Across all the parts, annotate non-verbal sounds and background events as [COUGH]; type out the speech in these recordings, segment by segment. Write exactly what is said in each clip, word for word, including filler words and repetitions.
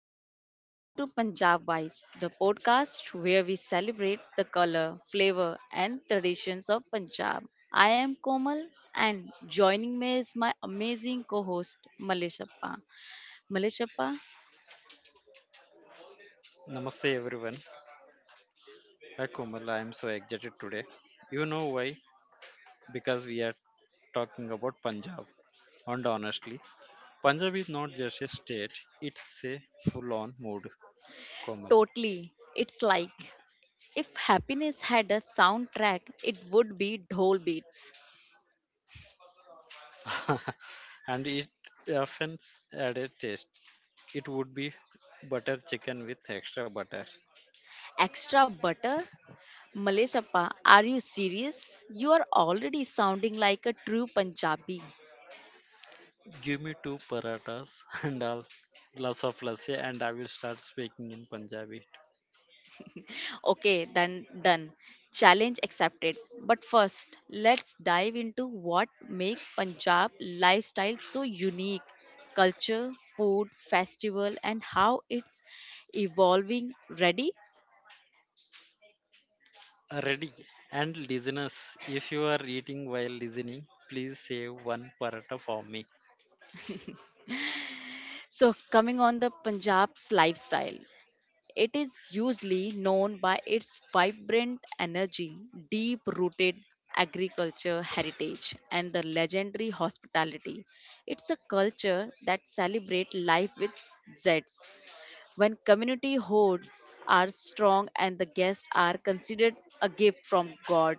dosto, welcome to Punjab Vibes, the podcast where we celebrate the color, flavor and traditions of Punjab. I am Komal and joining me is my amazing co-host Maleshappa. Maleshappa, Namaste everyone. Hi Komal, I am so excited today. You know why? Because we are talking about Punjab. And honestly, Punjab is not just a state, it's a full on mood, Komal. totally. It's like if happiness had a soundtrack, it would be dhol beats. [LAUGHS] And it often adds a taste. It would be butter chicken with extra butter. Extra butter? Maleshappa, are you serious? You are already sounding like a true Punjabi. Give me two paratas [LAUGHS] and a glass of lassi, and I will start speaking in Punjabi. Okay, then done. Challenge accepted. But first, let's dive into what make Punjab lifestyle so unique. Culture, food, festival, and how it's evolving. Ready? Uh, Ready and listeners, if you are eating while listening, please save one paratha for me. So, coming on the Punjab's lifestyle. It is usually known by its vibrant energy, deep rooted agriculture heritage, and the legendary hospitality. It's a culture that celebrates life with zest. When community hosts are strong and the guests are considered a gift from God.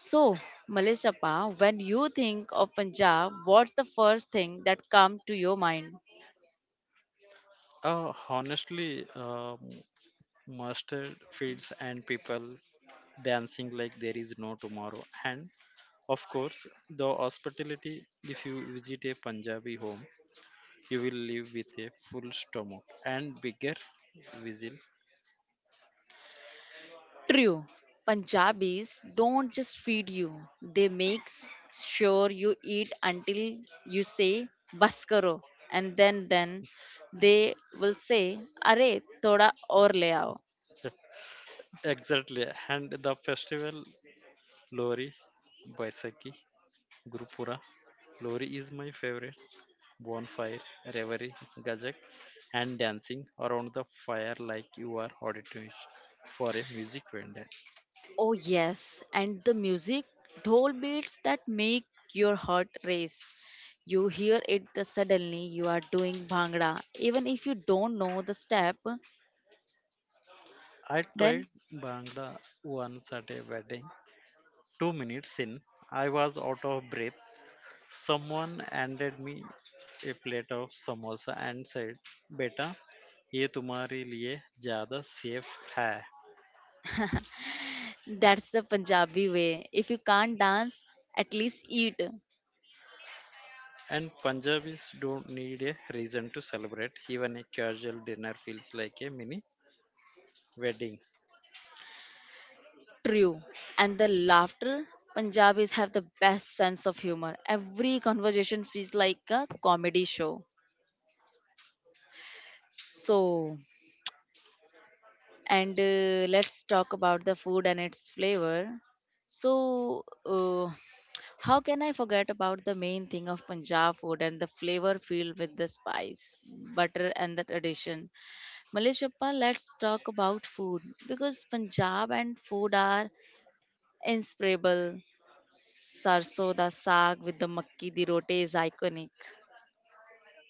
So, Maleshapa, when you think of Punjab, what's the first thing that comes to your mind? Uh, honestly, um mustard feeds and people dancing like there is no tomorrow. And of course, the hospitality. If you visit a Punjabi home, you will leave with a full stomach and bigger whistle. True. Punjabis don't just feed you, they make s- sure you eat until you say "बस करो," and then then they will say अरे थोड़ा और ले आओ. [LAUGHS] Exactly. And the festival, Lori, Baisakhi, Gurupura. Lori is my favorite bonfire, reverie, gazak, and dancing around the fire like you are auditioning for a music vendor. Oh yes, and the music, dhol beats that make your heart race. You hear it the suddenly you are doing bhangra. Even if you don't know the step, I then tried Bhangra once at a wedding. Two minutes in, I was out of breath. Someone handed me a plate of samosa and said, Beta, ये तुम्हारे लिए ज़्यादा safe है. that's the Punjabi way. If you can't dance, at least eat. And Punjabis don't need a reason to celebrate. Even a casual dinner feels like a mini wedding. True. And the laughter, Punjabis have the best sense of humor. Every conversation feels like a comedy show. So, and uh, let's talk about the food and its flavor. So, uh, how can I forget about the main thing of Punjab food and the flavor filled with the spice, butter, and the tradition? Malishappa, let's talk about food because Punjab and food are Inspirable sarso da saag with the makki di rote is iconic.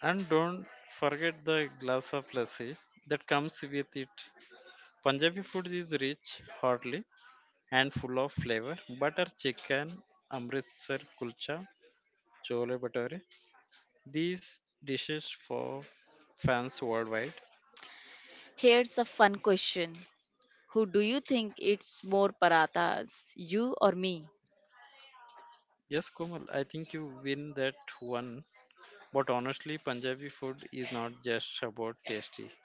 And don't forget the glass of lassi that comes with it. Punjabi food is rich, hearty, and full of flavor. Butter chicken, Amritsar kulcha, chole bhature. These dishes for fans worldwide. Here's a fun question. Who do you think eats more parathas, you or me? Yes, Komal, I think you win that one. But honestly, Punjabi food is not just about tasty.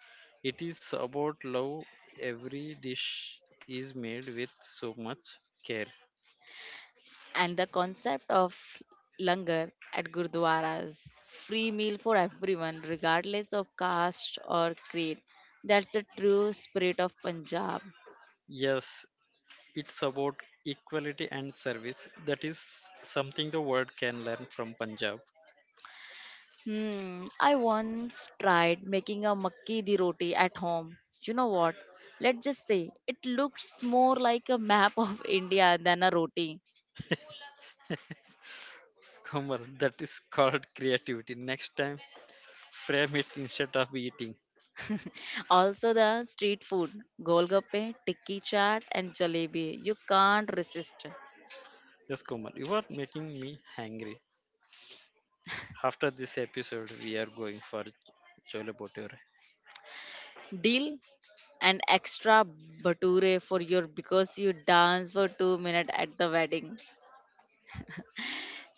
It is about love. Every dish is made with so much care. And the concept of langar at gurdwaras, free meal for everyone regardless of caste or creed. That's the true spirit of Punjab. Yes, it's about equality and service. That is something the world can learn from Punjab. Hmm, I once tried making a makki di roti at home. You know what? Let's just say it looks more like a map of [LAUGHS] India than a roti. [LAUGHS] Kumar, that is called creativity. Next time, frame it instead of eating. Also, the street food, golgappe, tikki chaat, and jalebi. You can't resist. Yes, Kumar, you are making me hungry. After this episode, we are going for chole bhature. Deal an extra bature for your because you dance for two minutes at the wedding.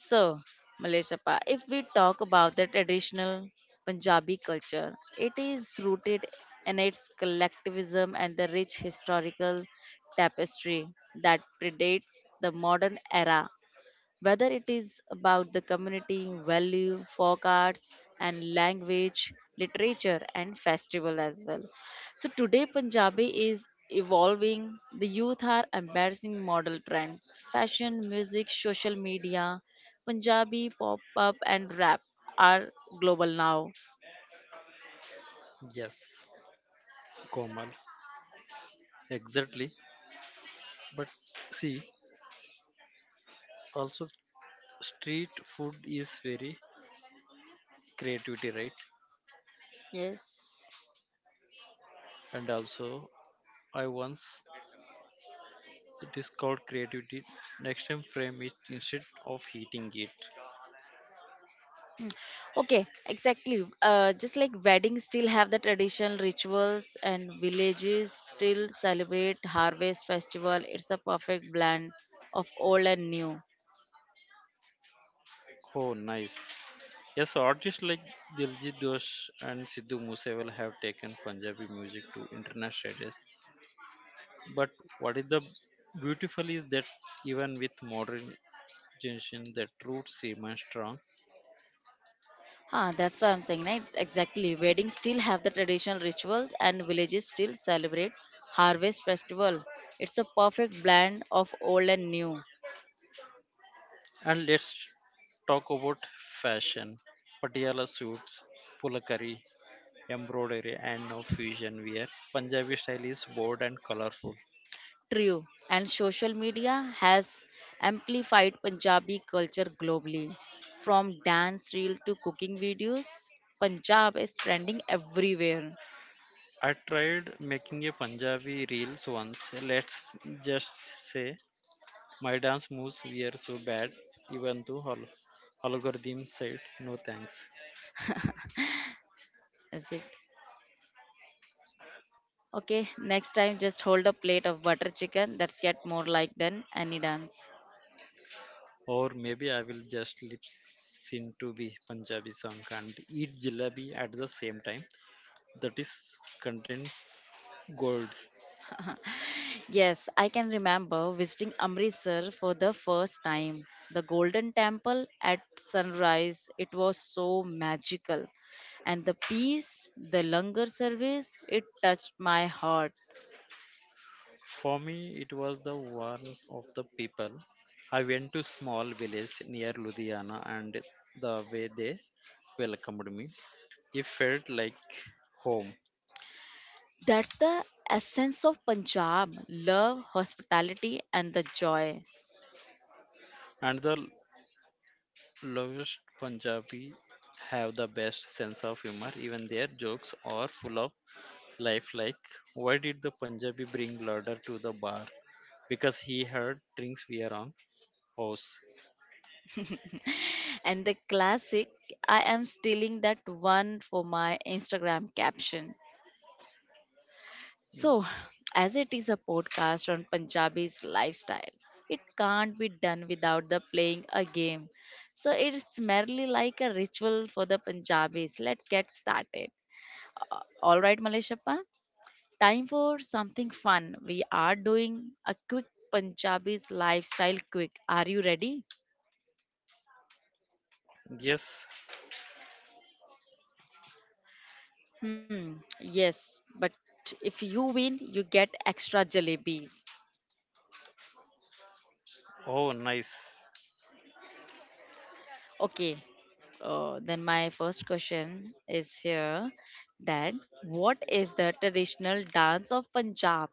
So, Malaysia, pa, if we talk about the traditional Punjabi culture, it is rooted in its collectivism and the rich historical tapestry that predates the modern era whether it is about the community, value, folk arts, and language, literature, and festival as well. So today, Punjabi is evolving. The youth are embracing model trends, fashion, music, social media. Punjabi pop up and rap are global now. Yes, Komal, exactly. But see, also street food is very creativity, right? Yes. And also, I once it is called creativity. Next time, frame it instead of heating it. Okay, exactly. Uh, just like weddings still have the traditional rituals and villages still celebrate harvest festival. It's a perfect blend of old and new. Oh, nice. Yes, artists like Diljit Doshi and Sidhu Moosewal have taken Punjabi music to international status. But what is the beautiful is that even with modern generation, the roots remain strong. Huh, that's what I'm saying, right? Exactly. Weddings still have the traditional rituals and villages still celebrate harvest festival. It's a perfect blend of old and new. And let's talk about fashion. Patiala suits, pulakari, embroidery, and now fusion wear. Punjabi style is bold and colorful. True, and social media has amplified Punjabi culture globally. From dance reel to cooking videos, Punjab is trending everywhere. I tried making a Punjabi reels once. Let's just say my dance moves were so bad, even though hol- algorithm said no thanks. Is it? Okay, next time just hold a plate of butter chicken. Let's get more like than any dance. Or maybe I will just lip sync to the Punjabi song and eat jalebi at the same time. That is content gold. Yes, I can remember visiting Amritsar for the first time. The Golden Temple at sunrise, it was so magical. And the peace, the langar service, it touched my heart. For me, it was the one of the people. I went to small village near Ludhiana, and the way they welcomed me, it felt like home. That's the essence of Punjab love, hospitality, and the joy. And the lowest Punjabi have the best sense of humor. Even their jokes are full of life. Like, why did the Punjabi bring ladder to the bar? Because he heard drinks were on house. And the classic, I am stealing that one for my Instagram caption. So, as it is a podcast on Punjabi's lifestyle, it can't be done without the playing a game. So, it's merely like a ritual for the Punjabis. Let's get started. All right, Maleshappa, time for something fun. We are doing a quick Punjabi's lifestyle quick. Are you ready? Yes. Hmm, yes, but if you win, you get extra jalebis. Oh, nice. Okay. Uh, then my first question is here that what is the traditional dance of Punjab?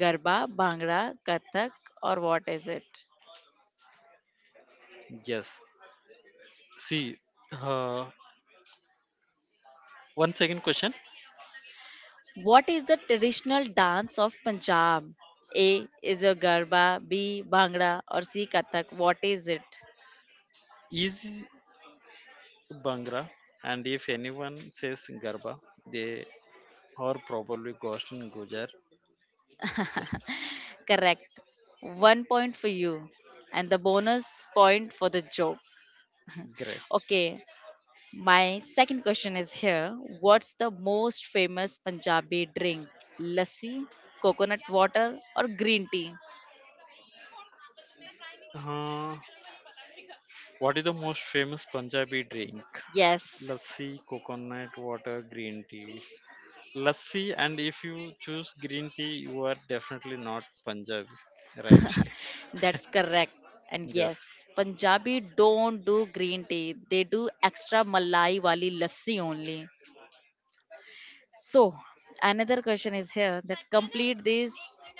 Garba, Bhangra, Kathak, or what is it? Yes. See, uh, one second question. What is the traditional dance of Punjab? A is your Garba, B Bhangra, or C Kathak. What is it? Is Bhangra? And if anyone says Garba, they are probably ghost in Gujar. Yes. Correct. One point for you, and the bonus point for the joke. Great. Okay, my second question is here. What's the most famous Punjabi drink? Lassi, coconut water, or green tea? Uh, what is the most famous Punjabi drink? Yes, Lassi, coconut water, green tea. Lassi, and if you choose green tea, you are definitely not Punjabi, right? that's correct. And [LAUGHS] Yes. yes, Punjabi don't do green tea. They do extra malai wali lassi only. So, another question is here that complete these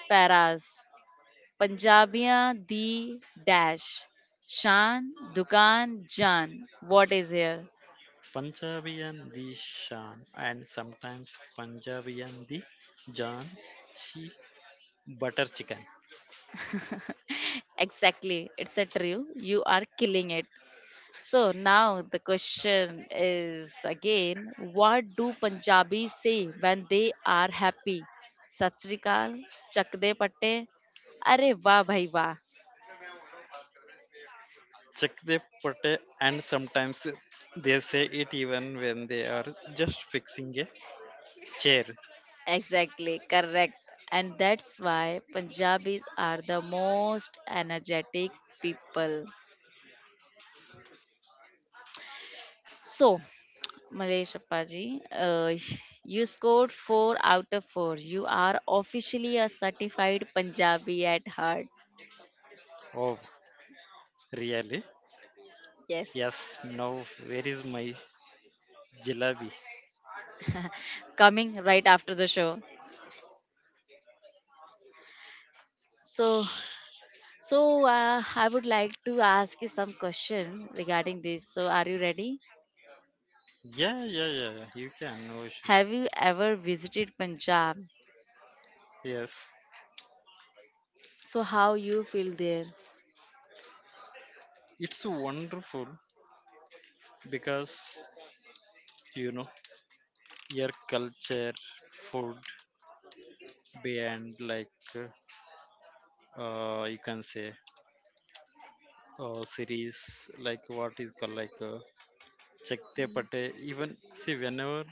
paras. Punjabiyan di dash. Shan, Dukan, Jan. What is here? Punjabi and the Shan, and sometimes Punjabi and the Jan, she butter chicken. Exactly. It's a true. You are killing it. So now the question is again, what do Punjabis say when they are happy? Sat Sri Akal, Chak De Patte, Are Wah Bhai Wah. Check the pate, and sometimes they say it even when they are just fixing a chair. Exactly, correct. And that's why Punjabis are the most energetic people. So, Malaysia, Paji. Uh, you scored four out of four. You are officially a certified Punjabi at heart. Oh, really? Yes. Yes, now where is my jalebi? Coming right after the show. So, so uh, I would like to ask you some question regarding this. So, are you ready? Yeah, yeah, yeah, yeah, you can, no issues. Have you ever visited Punjab? Yes, So, how you feel there? it's wonderful because you know your culture, food, beyond like uh, you can say uh, series like what is called like uh, Chakte Pate. Even see whenever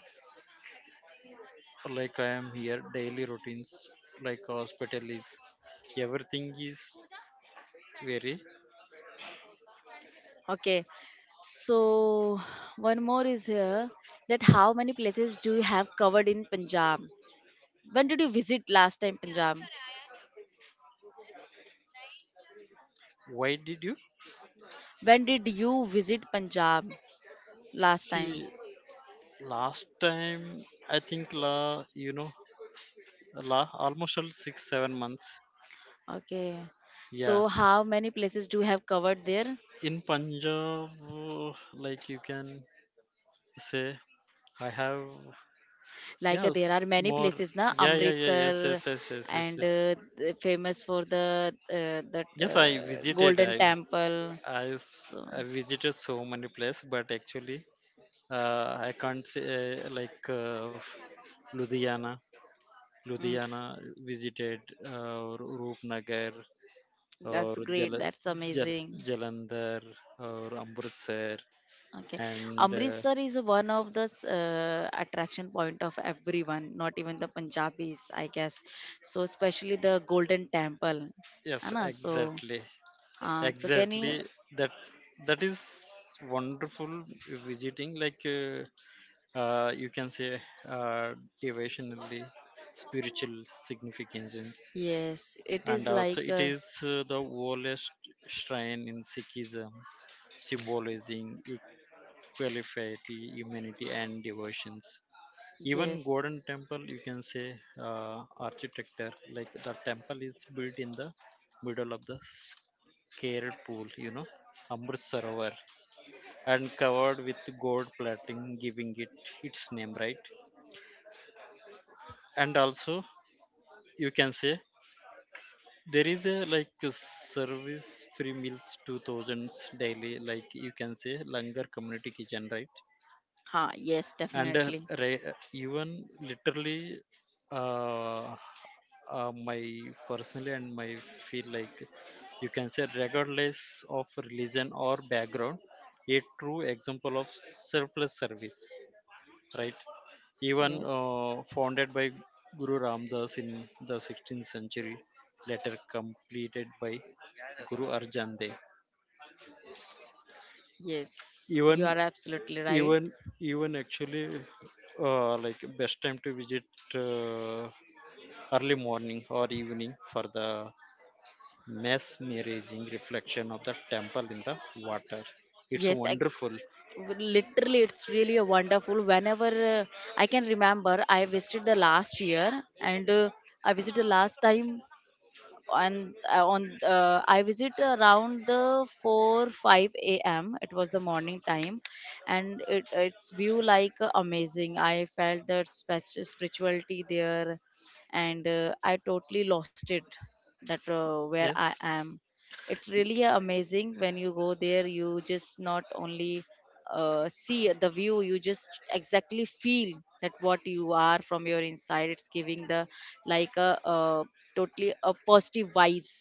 like I am here, daily routines like hospital is everything is very. Okay. So, one more is here that how many places do you have covered in Punjab? When did you visit last time Punjab? Why did you When did you visit Punjab last time? see? Last time, I think, la, you know, la, almost all six, seven months. Okay. Yeah. So how many places do you have covered there? In Punjab, uh, like you can say, I have, Like uh, there yes, are many more. places na Yeah, yeah, yeah, yes, Amritsar yes, yes, yes, yes. and Yes, uh, the- famous for the uh, that yes, I uh, visited. Golden I, Temple. I, s- So I visited so many places, but actually, uh, I can't say, uh, like, uh, Ludhiana. mm, Ludhiana visited, uh, Roopnagar, or that's Jal great. That's Jal amazing. Jalandhar or Amritsar. Okay, And uh, Amritsar is one of the uh, attraction point of everyone, not even the Punjabis, I guess. So especially the Golden Temple, yes, Anna. So, exactly. uh, so can Exactly, you? that that is wonderful visiting like uh, uh, you can say uh, devotionally spiritual significance. Yes, it And is also like it uh, is uh, the oldest shrine in Sikhism, symbolizing equality, humanity and devotions. Even yes, Golden Temple, you can say uh, architecture, like the temple is built in the middle of the scared pool, you know, Amrit Sarovar, and covered with gold plating, giving it its name, right? And also, you can say there is a like a service free meals two thousands daily, like you can say Langar community kitchen, right? ha, yes, And uh, definitely, re- uh, Even literally uh, uh, my personally and my feel like you can say regardless of religion or background, a true example of selfless service, right? Even yes, uh, founded by guru ramdas in the sixteenth century, later completed by guru arjan dev. yes. even You are absolutely right. even Even actually uh, like best time to visit uh, early morning or evening for the mess mirroring reflection of the temple in the water. It's Yes, I, wonderful. W- literally, it's really a wonderful. Whenever uh, I can remember, I visited the last year and. Uh, I visited the last time and uh, on uh, I visit around the four five a m it was the morning time and it, it's view like uh, amazing I felt that spech- spirituality there and uh, I totally lost it that uh, where I Yes, am it's really uh, amazing when you go there. You just not only uh, see the view, you just exactly feel that what you are from your inside. It's giving the like a uh, totally a positive vibes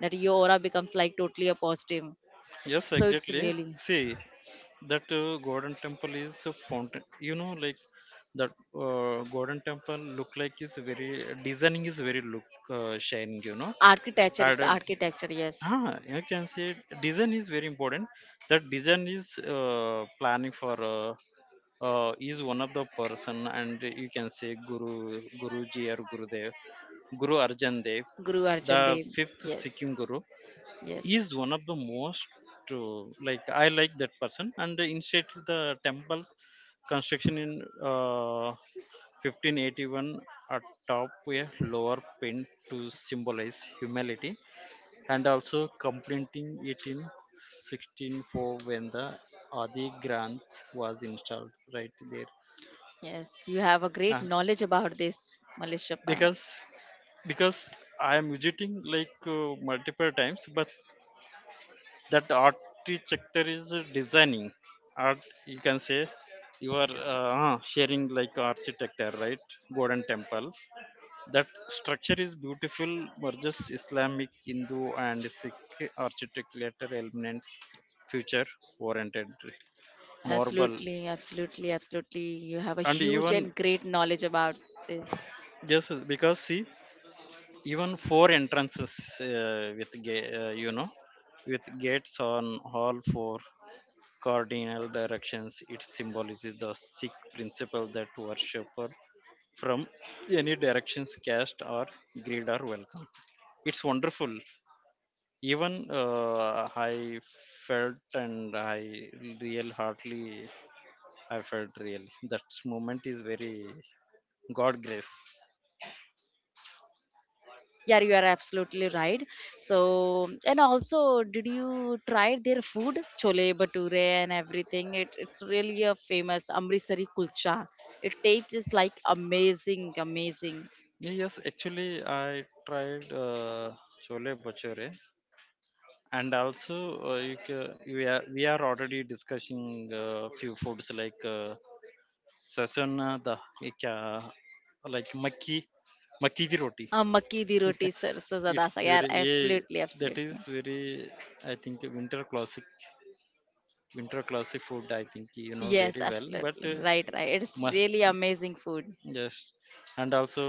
that your aura becomes like totally a positive. yes, So it's exactly. really See, that uh, golden temple is a fountain. You know, like that uh, golden temple look like is very designing is very look uh, shining. You know, architecture. I It's don't. architecture. Yes, Ah, you can see design is very important. That design is uh, planning for uh, uh, is one of the person and you can say guru guruji or gurudev guru arjan dev, Guru the Arjan Dev. fifth Yes, sikkim guru. He yes, is one of the most uh, like I like that person, and instead the temples construction in uh, fifteen eighty-one atop a lower pin to symbolize humility, and also completing it in sixteen oh four when the Adi Granth was installed right there. yes. You have a great uh, knowledge about this, Malishapa. because because I am visiting like uh, multiple times, but that architecture is uh, designing art. You can say you are uh, uh, sharing like architecture, right? Golden Temple. That structure is beautiful, merges Islamic, Hindu, and Sikh architecture elements, future oriented marble, Absolutely, absolutely, absolutely. You have a and huge even and great knowledge about this. yes, because see, even four entrances uh, with ga- uh, you know, with gates on all four cardinal directions, it symbolizes the sikh principle that worshipper from any directions, caste or greed are welcome. It's wonderful. Even uh, I felt, and I real heartily I felt really that moment is very god grace. Yeah, you are absolutely right. So, and also, did you try their food, chole bhature and everything? It, it's really a famous Amritsari kulcha. It tastes like amazing, amazing. Yes, actually I tried uh, chole bhature, and also uh, you ca- we are we are already discussing uh, few foods like uh, sasana the ek, uh, like makki makki di roti. Uh, makki di roti sir, so zada It's sa. Yeah, very, yeah, absolutely, that absolutely. is very, I think winter classic, winter classic food, I think you know Yes, very well. But absolutely. uh, Right, right. It's ma- really amazing food. yes, and also,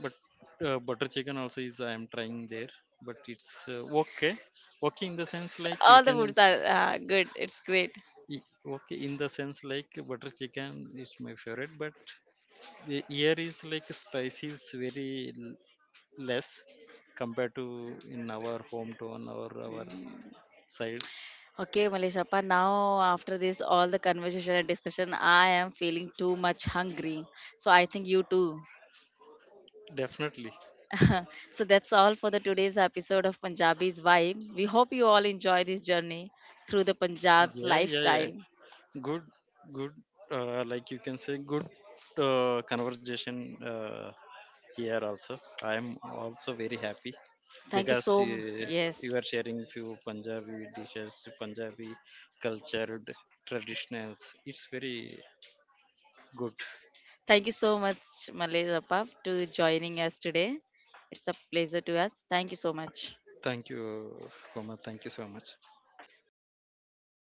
but uh, butter chicken also is I am trying there, but it's uh, okay. okay in the sense like you All the can. foods are uh, good. It's great. I- Okay, in the sense like butter chicken is my favorite, but the- here is like spice is very l- less compared to in our hometown or our side. Okay, Malishappa, now after this, all the conversation and discussion, I am feeling too much hungry. So I think you too. Definitely. [LAUGHS] So that's all for the today's episode of Punjabi's Vibe. We hope you all enjoy this journey through the Punjab's Yeah, yeah, yeah. lifestyle. Good, good. Uh, like you can say, good uh, conversation. Uh, Here also, I am also very happy Thank you because so m- uh, you Yes. are sharing few Punjabi dishes, Punjabi culture, traditionals. It's very good. Thank you so much, Malishappa, to joining us today. It's a pleasure to us. Thank you so much. Thank you, Kumar. Thank you so much.